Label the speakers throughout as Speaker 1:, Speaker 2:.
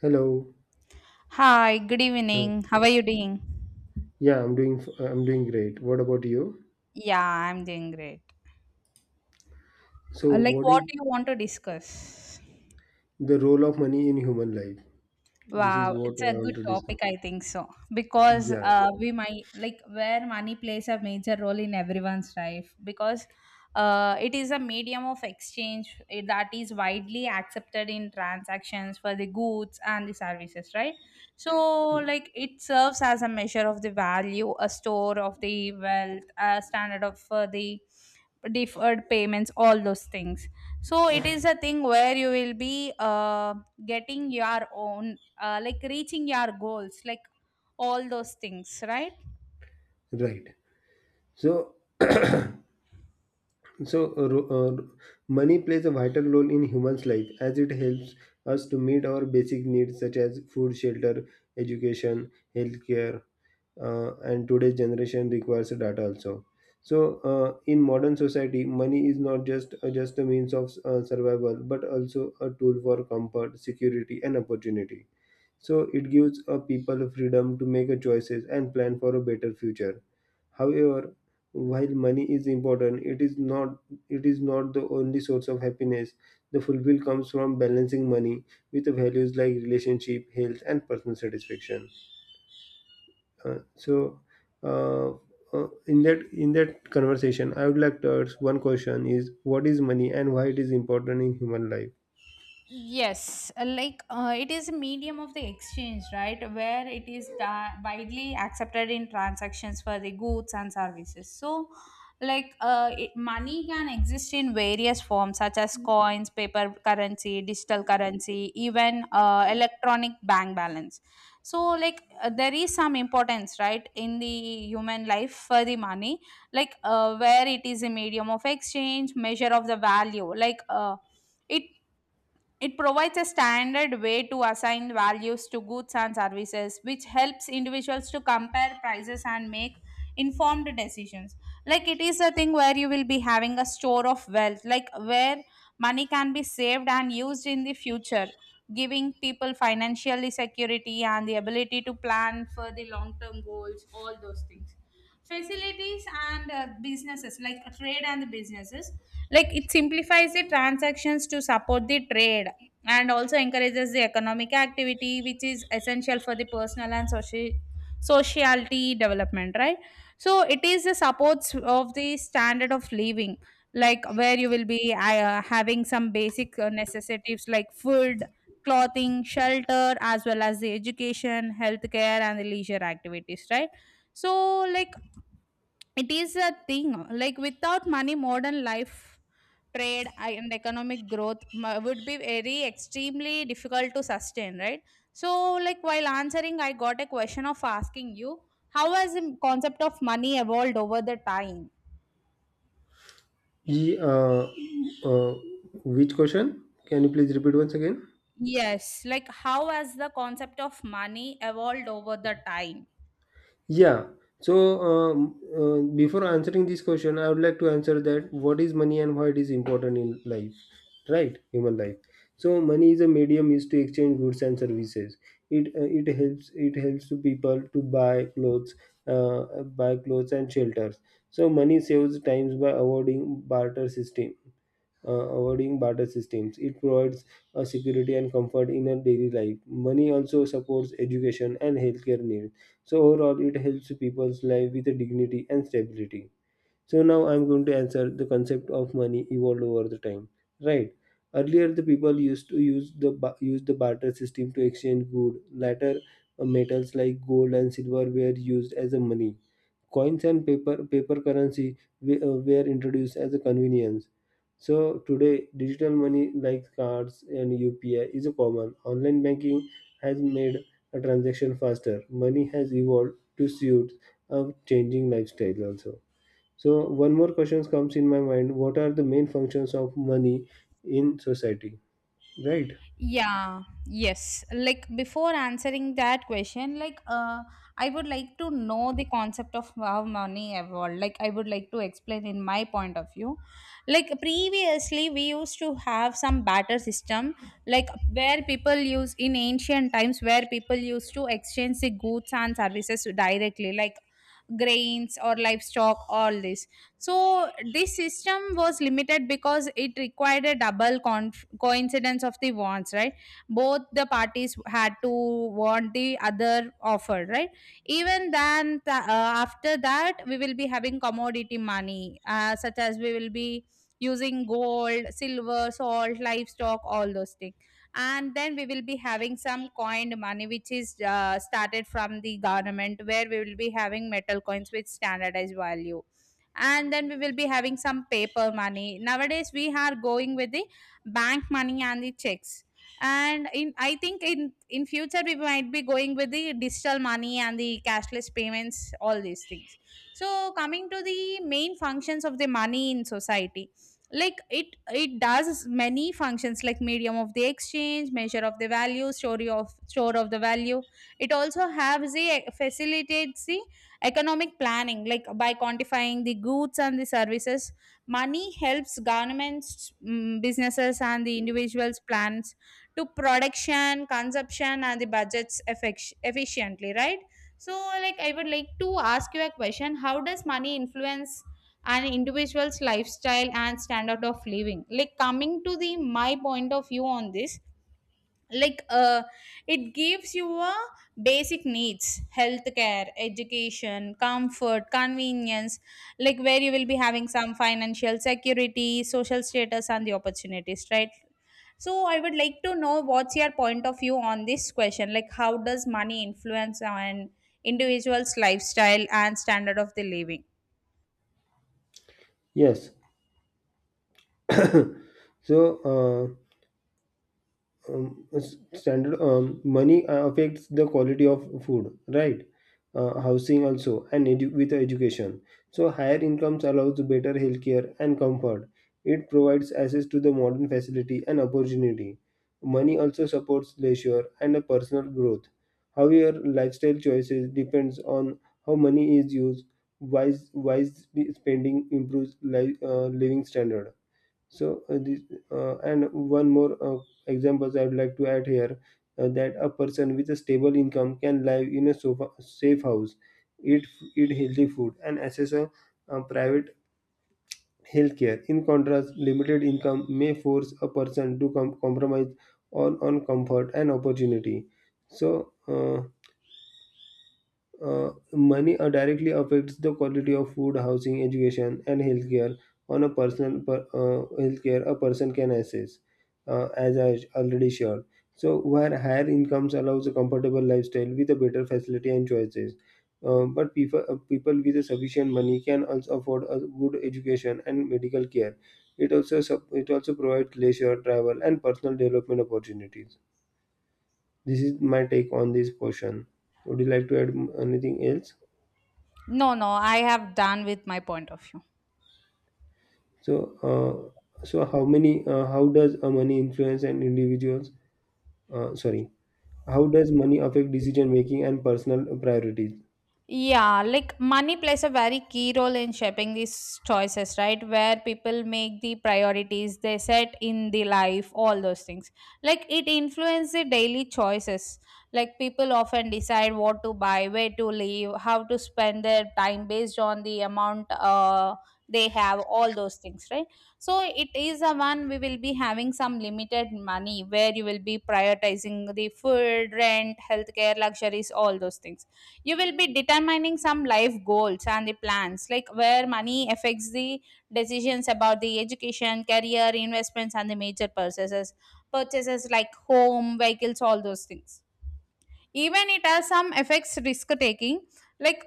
Speaker 1: Hello.
Speaker 2: Hi, good
Speaker 1: Hello.
Speaker 2: evening. How are you doing?
Speaker 1: I'm doing great. What about you?
Speaker 2: Yeah, I'm doing great.
Speaker 1: So, what
Speaker 2: What
Speaker 1: is
Speaker 2: do you want to discuss?
Speaker 1: the role of money in human life? This is
Speaker 2: Wow,
Speaker 1: what
Speaker 2: it's
Speaker 1: I
Speaker 2: a
Speaker 1: want
Speaker 2: good
Speaker 1: to discuss.
Speaker 2: topic, I think so. Because
Speaker 1: Yeah,
Speaker 2: we might, like, where money plays a major role in everyone's life, because it is a medium of exchange that is widely accepted in transactions for the goods and the services, right? So, like, it serves as a measure of the value, a store of the wealth, a standard of the deferred payments, all those things. So it is a thing where you will be getting your own, like reaching your goals, like all those things, right?
Speaker 1: right. So, so uh, ro- uh, money plays a vital role in humans' life, as it helps us to meet our basic needs such as food, shelter, education, healthcare, and today's generation requires data also. So in modern society, money is not just a means of survival but also a tool for comfort, security and opportunity. So it gives a people freedom to make a choices and plan for a better future. However, while money is important, it is not, it is not the only source of happiness. The fulfill comes from balancing money with values like relationship, health and personal satisfaction. uh, so uh, in that conversation, I would like to ask one question: is what is money and why it is important in human life?
Speaker 2: Yes, it is a medium of the exchange, right? Where widely accepted in transactions for the goods and services. So, money can exist in various forms, such as coins, paper currency, digital currency, even electronic bank balance. So, there is some importance, right, in the human life for the money, where it is a medium of exchange, measure of the value, like. It it provides a standard way to assign values to goods and services, which helps individuals to compare prices and make informed decisions. Like, it is a thing where you will be having a store of wealth, like where money can be saved and used in the future, giving people financial security and the ability to plan for the long term goals, all those things. Facilities and businesses, like trade and the businesses, like it simplifies the transactions to support the trade and also encourages the economic activity, which is essential for the personal and social sociality development, right? So it is the supports of the standard of living, like where you will be having some basic necessities like food, clothing, shelter, as well as the education, healthcare and the leisure activities, right? So, like, it is a thing, like without money modern life, trade and economic growth would be very extremely difficult to sustain, right? So, like while answering I got a question of asking you, how has the concept of money evolved over the time?
Speaker 1: Ye- uh, uh, which question? Can you please repeat once again?
Speaker 2: Yes, like how has the concept of money evolved over the time?
Speaker 1: Yeah. So before answering this question, I would like to answer that what is money and why it is important in life. Right, human life. So money is a medium used to exchange goods and services. It helps it helps to people to buy clothes, buy clothes and shelters. So money saves times by avoiding barter system, avoiding barter systems. It provides a security and comfort in a daily life. Money also supports education and healthcare needs. So overall it helps people's life with a dignity and stability. So now I'm going to answer the concept of money evolved over the time, right? Earlier, the people used to use use the barter system to exchange good. Later, metals like gold and silver were used as a money. Coins and paper currency were introduced as a convenience. So today, digital money like cards and UPI is a common. Online banking has made a transaction faster. Money has evolved to suit a changing lifestyle also. So one more question comes in my mind. What are the main functions of money in society? Right?
Speaker 2: Yeah, yes. Like before answering that question, like I would like to know the concept of how money evolved. Like I would like to explain in my point of view. Like previously we used to have some barter system, like where people use in ancient times, where people used to exchange the goods and services directly, like grains or livestock, all this. So this system was limited because it required a double con coincidence of the wants, right? Both the parties had to want the other offer, right? Even then, after that we will be having commodity money, such as we will be using gold, silver, salt, livestock, all those things. And then we will be having some coined money, which is started from the government, where we will be having metal coins with standardized value. And then we will be having some paper money. Nowadays we are going with the bank money and the checks, and in I think in future we might be going with the digital money and the cashless payments, all these things. So coming to the main functions of the money in society, like it does many functions, like medium of the exchange, measure of the value, story of store of the value. It also has the facilitates the economic planning, like by quantifying the goods and the services. Money helps governments, businesses, and the individuals plans to production, consumption, and the budgets efficiently, right? So, like, I would like to ask you a question: How does money influence an individual's lifestyle and standard of living? Like, coming to the my point of view on this, like it gives you a basic needs, healthcare, education, comfort, convenience, like where you will be having some financial security, social status and the opportunities, right? So I would like to know what's your point of view on this question, like how does money influence on individual's lifestyle and standard of the living?
Speaker 1: Yes. So uh, s- standard money affects the quality of food, right? Housing also and with education. So higher incomes allows better healthcare and comfort. It provides access to the modern facility and opportunity. Money also supports leisure and a personal growth. However, lifestyle choices depends on how money is used. Wise spending improves living standard. so, uh, this, and one more examples I would like to add here, that a person with a stable income can live in a safe house, eat eat healthy food, and access a, private healthcare. In contrast, limited income may force a person to compromise on comfort and opportunity. So. Money directly affects the quality of food, housing, education, and healthcare. On healthcare a person can access, as I already shared. So, where higher incomes allows a comfortable lifestyle with a better facility and choices, but people people with a sufficient money can also afford a good education and medical care. It also it also provides leisure, travel, and personal development opportunities. This is my take on this portion. Would you like to add mm, anything else?
Speaker 2: No, no, I have done with my point of view.
Speaker 1: So, so how many? How does money influence an individual's? Sorry, how does money affect decision making and personal priorities?
Speaker 2: Yeah, like money plays a very key role in shaping these choices, right? Where people make the priorities they set in the life, all those things. Like it influences the daily choices. Like people often decide what to buy, where to live, how to spend their time based on the amount they have, all those things, right? So it is a one, we will be having some limited money where you will be prioritizing the food, rent, healthcare, luxuries, all those things. You will be determining some life goals and the plans, like where money affects the decisions about the education, career, investments and the major purchases, like home, vehicles, all those things. Even it has some affects risk taking, like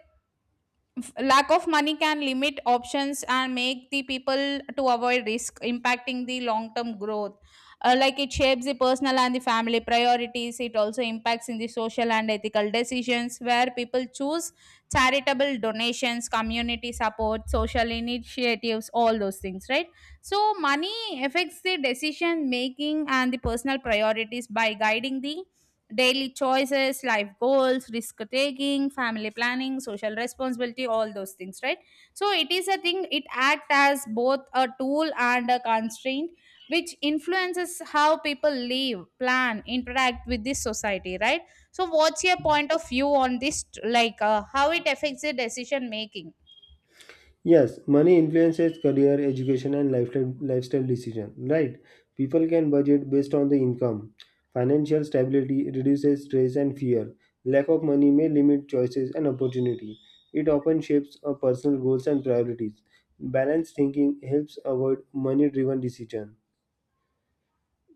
Speaker 2: Lack of money can limit options and make the people to avoid risk, impacting the long term growth. Like, it shapes the personal and the family priorities. It also impacts in the social and ethical decisions, where people choose charitable donations, community support, social initiatives, all those things, right? So money affects the decision making and the personal priorities by guiding the daily choices, life goals, risk taking, family planning, social responsibility, all those things, right? So it is a thing, it acts as both a tool and a constraint, which influences how people live, plan, interact with this society, right? So, what's your point of view on this? Like, how it affects the decision making?
Speaker 1: Yes, money influences career, education, and lifestyle decision. Right? People can budget based on the income. Financial stability reduces stress and fear. Lack of money may limit choices and opportunity. It often shapes personal goals and priorities. Balanced thinking helps avoid money-driven decisions.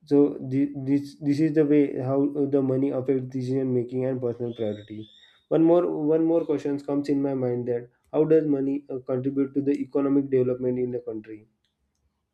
Speaker 1: So this is the way how the money affects decision making and personal priority. One more One more question comes in my mind, that how does money contribute to the economic development in the country?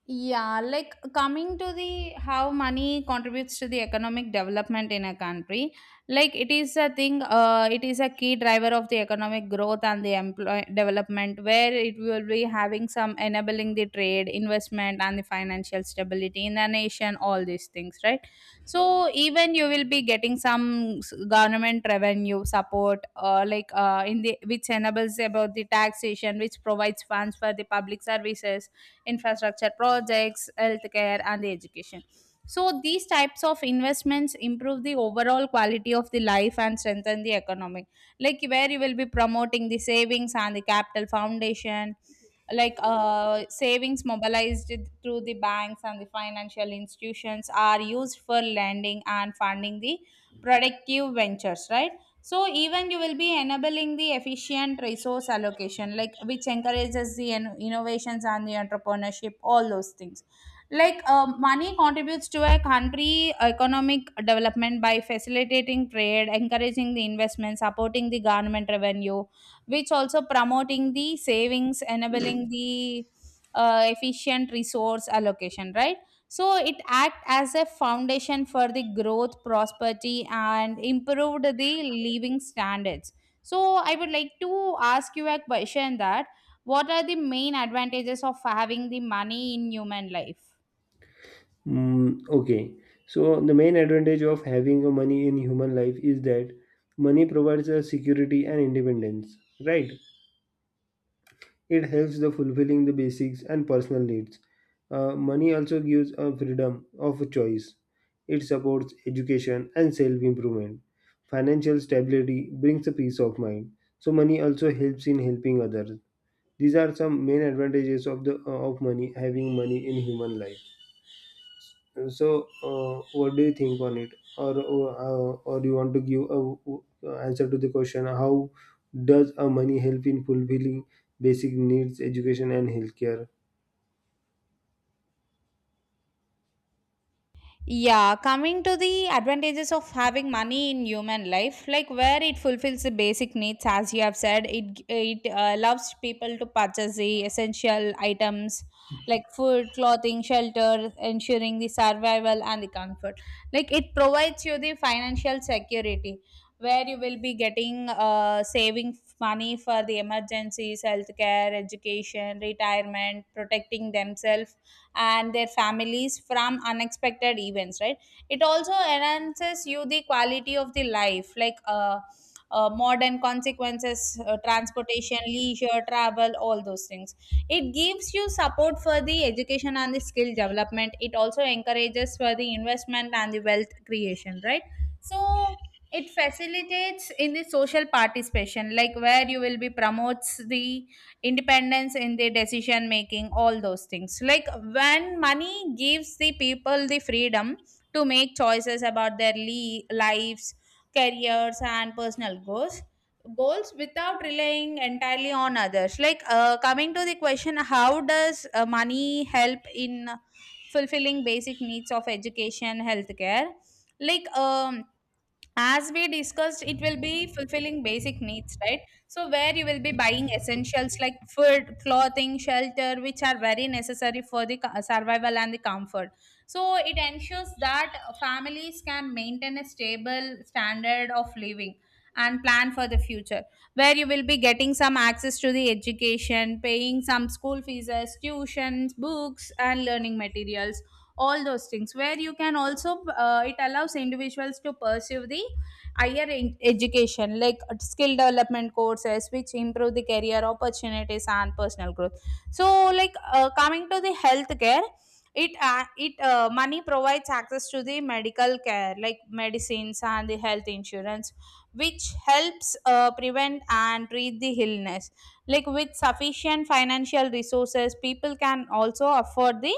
Speaker 2: Yeah, like coming to the how money contributes to the economic development in a country, like it is a thing, it is a key driver of the economic growth and the employ development, where it will be having some enabling the trade, investment, and the financial stability in the nation, all these things, right? So, even you will be getting some government revenue support, in the which enables about the taxation, which provides funds for the public services, infrastructure projects, healthcare, and education. So, these types of investments improve the overall quality of the life and strengthen the economic. Like, where you will be promoting the savings and the capital foundation, like savings mobilized through the banks and the financial institutions are used for lending and funding the productive ventures, right? So even you will be enabling the efficient resource allocation, like which encourages the innovations and the entrepreneurship, all those things. Like money contributes to a country economic development by facilitating trade, encouraging the investment, supporting the government revenue, which also promoting the savings, enabling the efficient resource allocation, right? So it act as a foundation for the growth, prosperity and improved the living standards. So I would like to ask you a question that, what are the main advantages of having the money in human life?
Speaker 1: Mm, okay, so the main advantage of having a money in human life is that money provides a security and independence, right? It helps the fulfilling the basics and personal needs. Money also gives a freedom of choice. It supports education and self improvement. Financial stability brings a peace of mind. So money also helps in helping others. These are some main advantages of the of money having money in human life. So, what do you think on it, or or you want to give a answer to the question? How does a money help in fulfilling basic needs, education, and healthcare?
Speaker 2: Yeah, coming to the advantages of having money in human life, like where it fulfills the basic needs, as you have said, it allows people to purchase the essential items like food, clothing, shelter, ensuring the survival and the comfort. Like it provides you the financial security, where you will be getting saving money for the emergencies, healthcare, education, retirement, protecting themselves and their families from unexpected events, right? It also enhances you the quality of the life, like modern consequences, transportation, leisure, travel, all those things. It gives you support for the education and the skill development. It also encourages for the investment and the wealth creation, right? So it facilitates in the social participation, like where you will be promotes the independence in their decision making, all those things. Like when money gives the people the freedom to make choices about their lives, careers and personal goals without relying entirely on others. Like, coming to the question, how does money help in fulfilling basic needs of education, healthcare? Like as we discussed, it will be fulfilling basic needs, right? So where you will be buying essentials like food, clothing, shelter, which are very necessary for the survival and the comfort. So it ensures that families can maintain a stable standard of living and plan for the future, where you will be getting some access to the education, paying some school fees, tuitions, books and learning materials, all those things. Where you can also, it allows individuals to pursue the higher education, like skill development courses, which improve the career opportunities and personal growth. So, like, coming to the healthcare, it it money provides access to the medical care like medicines and the health insurance, which helps prevent and treat the illness. Like with sufficient financial resources, people can also afford the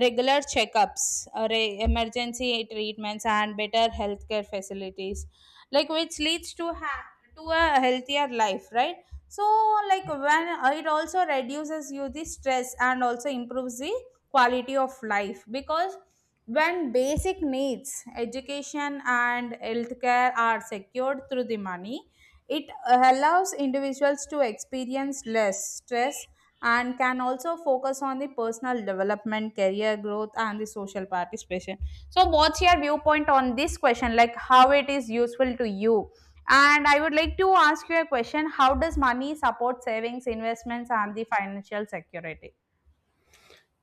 Speaker 2: regular checkups, emergency treatments, and better healthcare facilities, like which leads to a healthier life, right? So, like when it also reduces you the stress and also improves the quality of life, because when basic needs, education and healthcare are secured through the money, it allows individuals to experience less stress and can also focus on the personal development, career growth, and the social participation. So what's your viewpoint on this question, like how it is useful to you? And I would like to ask you a question: how does money support savings, investments, and the financial security?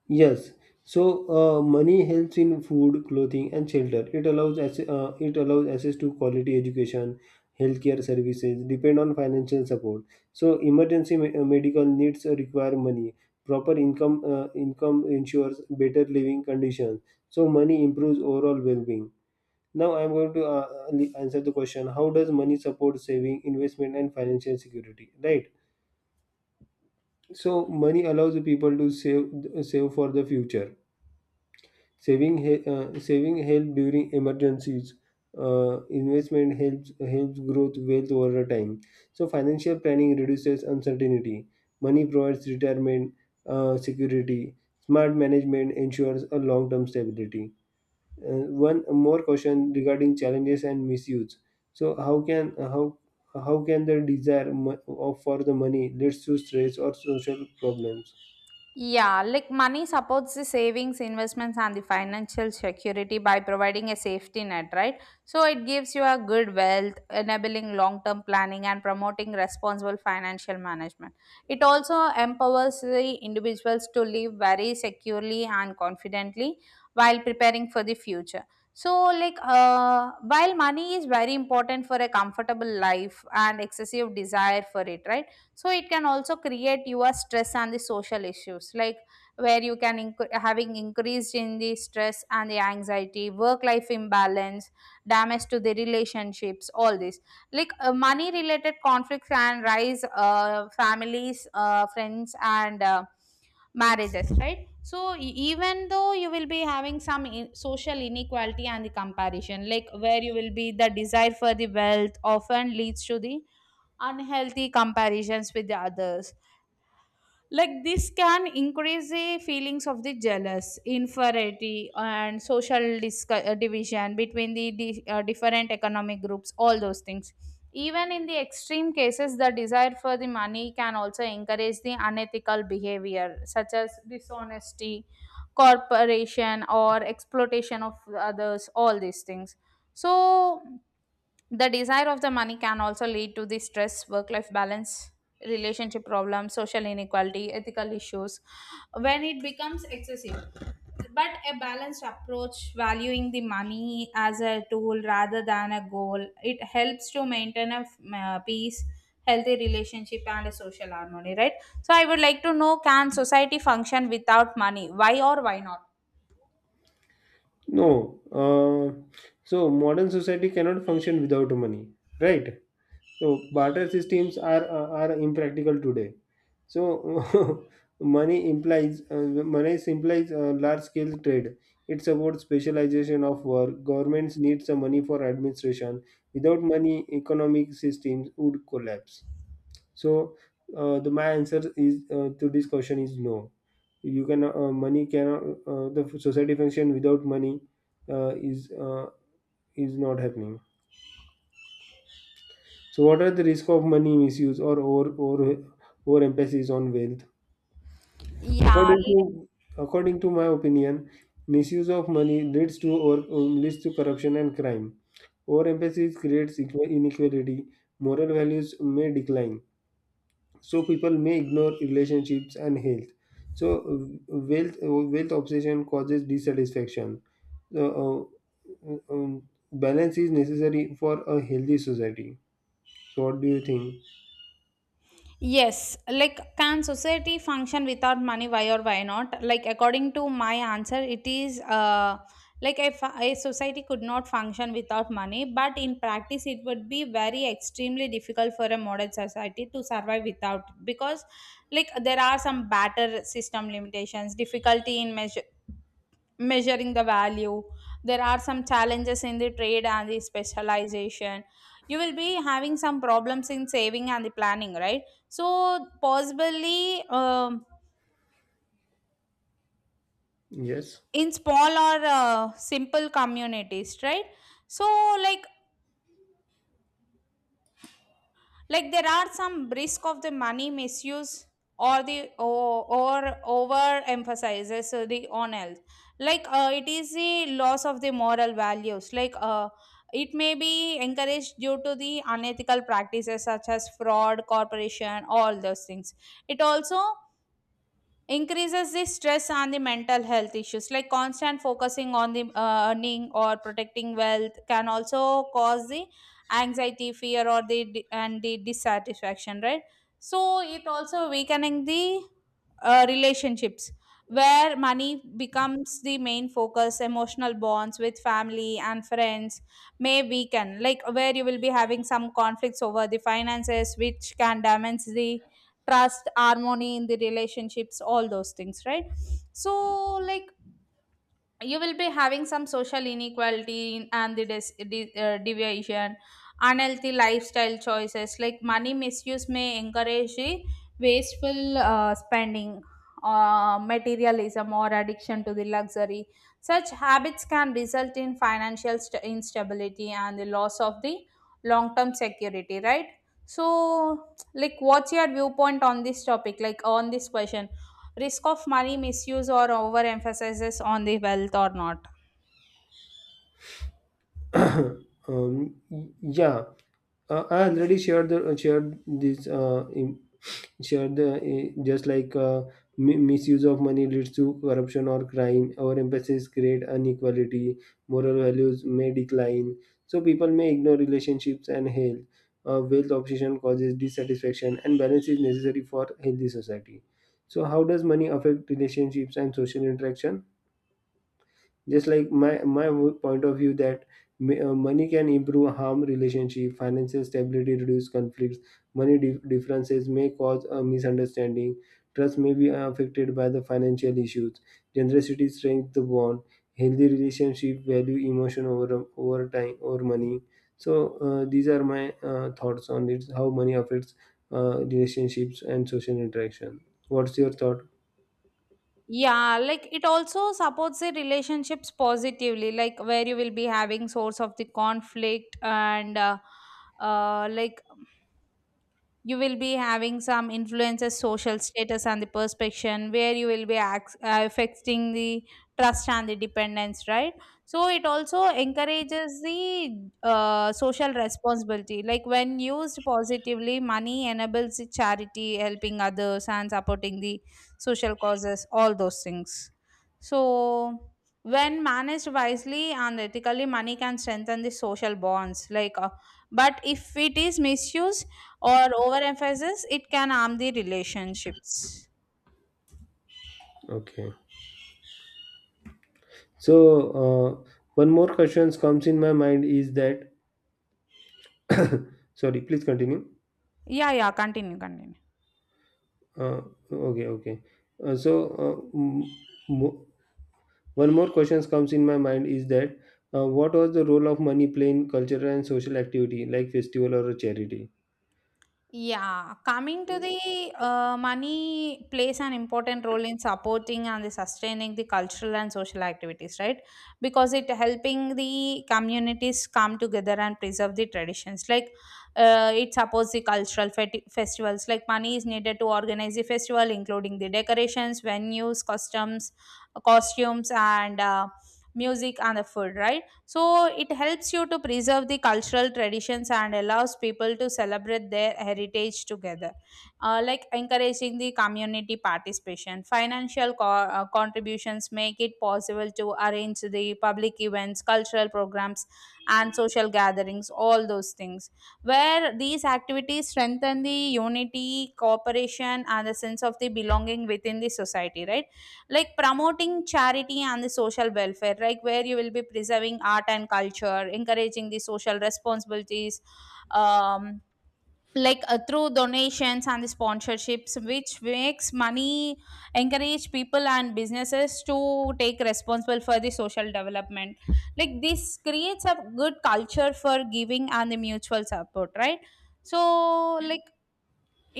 Speaker 1: Yes, so money helps in food, clothing, and shelter. It allows it allows access to quality education, healthcare services. Depend on financial support. So emergency medical needs require money. Proper income ensures better living conditions. So money improves overall well-being. Now I am going to answer the question: how does money support saving, investment, and financial security? Right. So money allows the people to save for the future. Saving help during emergencies. Investment helps growth wealth over a time. So financial planning reduces uncertainty. Money provides retirement security. Smart management ensures a long term stability. One more question regarding challenges and misuse. So how can the desire mo- of for the money leads to stress or social problems?
Speaker 2: Yeah, like money supports the savings, investments, and the financial security by providing a safety net, right? So it gives you a good wealth, enabling long term planning and promoting responsible financial management. It also empowers the individuals to live very securely and confidently while preparing for the future. So, like, while money is very important for a comfortable life and excessive desire for it, right? So it can also create your stress and the social issues, like where you can having increased in the stress and the anxiety, work life imbalance, damage to the relationships, all this. Like, money related conflicts can rise, families, friends, and marriages, right? So even though you will be having some social inequality and the comparison, like where you will be the desire for the wealth often leads to the unhealthy comparisons with the others. Like this can increase the feelings of the jealous inferiority and social division between the different economic groups, all those things. Even in the extreme cases, the desire for the money can also encourage the unethical behavior such as dishonesty, corporation, or exploitation of others, all these things. So the desire of the money can also lead to the stress, work life balance, relationship problems, social inequality, ethical issues when it becomes excessive. But a balanced approach, valuing the money as a tool rather than a goal, it helps to maintain a peace, healthy relationship, and a social harmony, right? So, I would like to know, can society function without money? Why or why not?
Speaker 1: No, so modern society cannot function without money, right? So barter systems are impractical today. So money implies uh, money implies large scale trade. It supports specialization of work. Governments need some money for administration. Without money, economic systems would collapse. So the my answer is to this question is no. You can money cannot, the society function without money uh, is uh, is not happening. So what are the risk of money misuse or over emphasis on wealth?
Speaker 2: Yeah.
Speaker 1: According to According to my opinion, misuse of money leads to, or leads to corruption and crime. Overemphasis creates inequality. Moral values may decline, so people may ignore relationships and health. So wealth obsession causes dissatisfaction. so, uh, um, balance is necessary for a healthy society. So what do you think?
Speaker 2: Yes, like can society function without money? Why or why not? Like according to my answer, it is like if a society could not function without money, but in practice, it would be very extremely difficult for a modern society to survive without, because like there are some better system limitations, difficulty in measuring the value. There are some challenges in the trade and the specialization. You will be having some problems in saving and the planning, right? So possibly,
Speaker 1: Yes.
Speaker 2: in small or simple communities, right? So, like, there are some risk of the money misuse, or over emphasizes the on health. Like, it is the loss of the moral values, like it may be encouraged due to the unethical practices such as fraud corporation, all those things. It also increases the stress and the mental health issues, like constant focusing on the earning or protecting wealth can also cause the anxiety, fear, or the and the dissatisfaction, right? So it also weakening the relationships, where money becomes the main focus, emotional bonds with family and friends may weaken, like where you will be having some conflicts over the finances which can damage the trust, harmony in the relationships, all those things, right? So like you will be having some social inequality and the deviation, unhealthy lifestyle choices, like money misuse may encourage the wasteful spending, materialism, or addiction to the luxury. Such habits can result in financial instability and the loss of the long term security, right? So, like, what's your viewpoint on this topic? Like, on this question, risk of money misuse or overemphasizes on the wealth or not?
Speaker 1: um, yeah, I already shared this Sure, the eh, just like mi- misuse of money leads to corruption or crime. Overemphasis create inequality. Moral values may decline. So people may ignore relationships and health. Wealth obsession causes dissatisfaction, and balance is necessary for healthy society. So, how does money affect relationships and social interaction? Just like my point of view, that money can improve harm relationship, financial stability reduce conflicts, money differences may cause a misunderstanding, trust may be affected by the financial issues, generosity strengthens the bond, healthy relationship value emotion over money. So these are my thoughts on it, how money affects relationships and social interaction. What's your thought?
Speaker 2: Yeah, like it also supports the relationships positively, like where you will be having source of the conflict and like you will be having some influences social status and the perspection, where you will be affecting the trust and the dependence, right? So it also encourages the social responsibility, like when used positively, money enables the charity, helping others and supporting the social causes, all those things. So when managed wisely and ethically, money can strengthen the social bonds, like, but if it is misused or overemphasis, it can harm the relationships.
Speaker 1: Okay. So one more question comes in my mind is that sorry, please continue.
Speaker 2: Yeah, yeah, continue, continue.
Speaker 1: Uh, okay, okay. Uh, so uh, m- mo- one more question comes in my mind is that what was the role of money playing in cultural and social activity, like festival or a charity?
Speaker 2: Yeah, coming to the money plays an important role in supporting and the sustaining the cultural and social activities, right? Because it helping the communities come together and preserve the traditions. Like, it supports the cultural festivals. Like money is needed to organize the festival, including the decorations, venues, customs, costumes, and music and the food, right? So it helps you to preserve the cultural traditions and allows people to celebrate their heritage together, like encouraging the community participation. Financial contributions make it possible to arrange the public events, cultural programs, and social gatherings, all those things, where these activities strengthen the unity, cooperation, and the sense of the belonging within the society, right? Like promoting charity and the social welfare, like where you will be preserving art and culture, encouraging the social responsibilities, um, like through donations and the sponsorships which makes money encourage people and businesses to take responsible for the social development, like this creates a good culture for giving and the mutual support, right? So like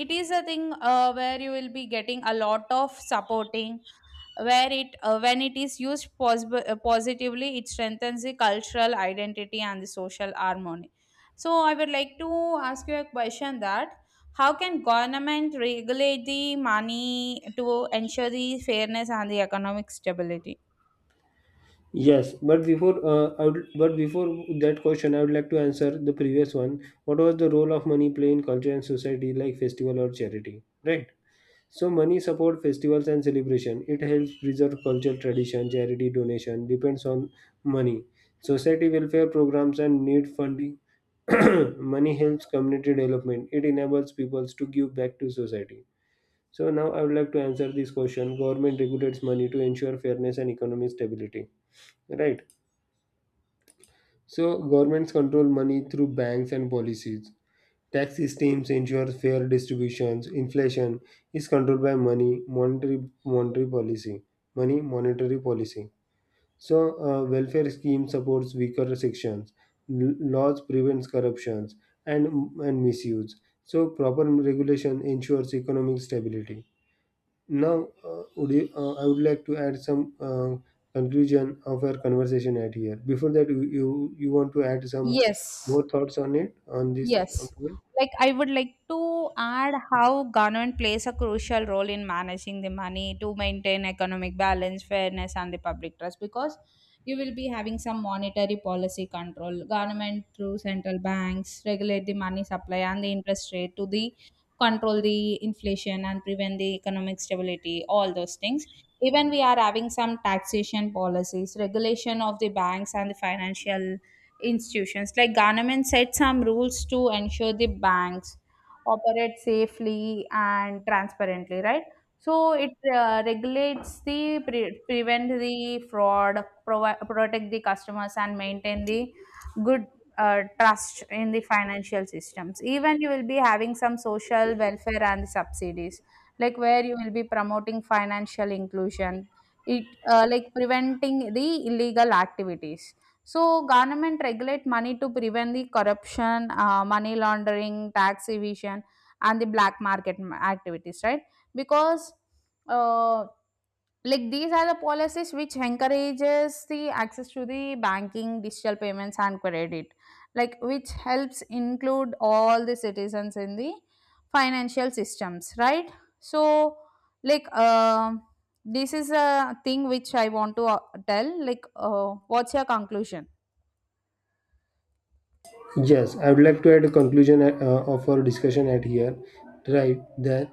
Speaker 2: it is a thing where you will be getting a lot of supporting, where it when it is used positively, it strengthens the cultural identity and the social harmony. So I would like to ask you a question, that how can government regulate the money to ensure the fairness and the economic stability?
Speaker 1: Yes, but before I would, but before that question, I would like to answer the previous one. What was the role of money play in culture and society, like festival or charity? Right. So money support festivals and celebration. It helps preserve culture, tradition, charity donation depends on money. Society welfare programs and need funding. Money helps community development. It enables peoples to give back to society. So now I would like to answer this question. Government regulates money to ensure fairness and economic stability. Right. So governments control money through banks and policies. Tax systems ensure fair distributions. Inflation is controlled by money monetary monetary policy. Money Monetary policy. So welfare scheme supports weaker sections. Laws prevents corruptions and and misuse. So proper regulation ensures economic stability. Now, I would like to add some conclusion of our conversation at here. Before that, you want to add some
Speaker 2: Yes.
Speaker 1: more thoughts on it on this
Speaker 2: Yes.
Speaker 1: point?
Speaker 2: Like I would like to add how government plays a crucial role in managing the money to maintain economic balance, fairness, and the public trust, because you will be having some monetary policy control. Government through central banks regulate the money supply and the interest rate to the control the inflation and prevent the economic stability, all those things. Even we are having some taxation policies, regulation of the banks and the financial institutions, like government set some rules to ensure the banks operate safely and transparently, right? So it regulates the prevent the fraud, protect the customers and maintain the good trust in the financial systems. Even you will be having some social welfare and subsidies, like where you will be promoting financial inclusion, it like preventing the illegal activities. So, government regulate money to prevent the corruption, money laundering, tax evasion, and the black market activities, right? Because, uh, like these are the policies which encourages the access to the banking, digital payments, and credit, like which helps include all the citizens in the financial systems, right? So, like, this is a thing which I want to tell. Like, what's your conclusion?
Speaker 1: Yes, I would like to add a conclusion of our discussion at here. Right, that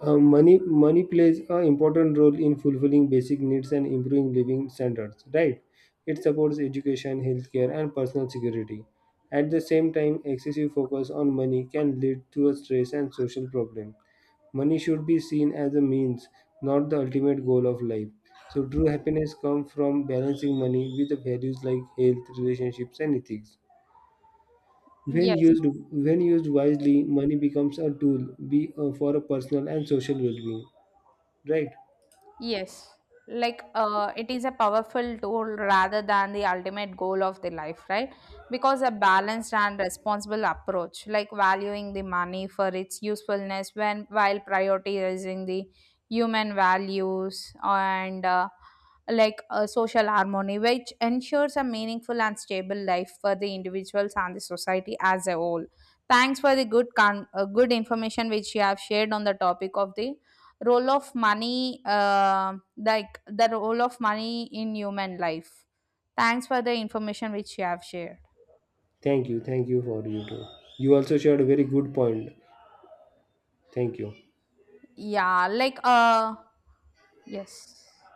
Speaker 1: money plays an important role in fulfilling basic needs and improving living standards. Right, it supports education, healthcare, and personal security. At the same time, excessive focus on money can lead to a stress and social problem. Money should be seen as a means, not the ultimate goal of life. So, true happiness comes from balancing money with the values like health, relationships, and ethics. When
Speaker 2: Yes,
Speaker 1: used, when used wisely, money becomes a tool for a personal and social well-being. Right?
Speaker 2: yes. Like it is a powerful tool rather than the ultimate goal of the life, right? Because a balanced and responsible approach, like valuing the money for its usefulness when while prioritizing the human values and like social harmony, which ensures a meaningful and stable life for the individuals and the society as a whole. Thanks for the good good information which you have shared on the topic of the role of money, like the role of money in human life. Thanks for the information which you have shared.
Speaker 1: Thank you. Thank you for you too. You also shared a very good point. Thank you.
Speaker 2: Yeah, like yes.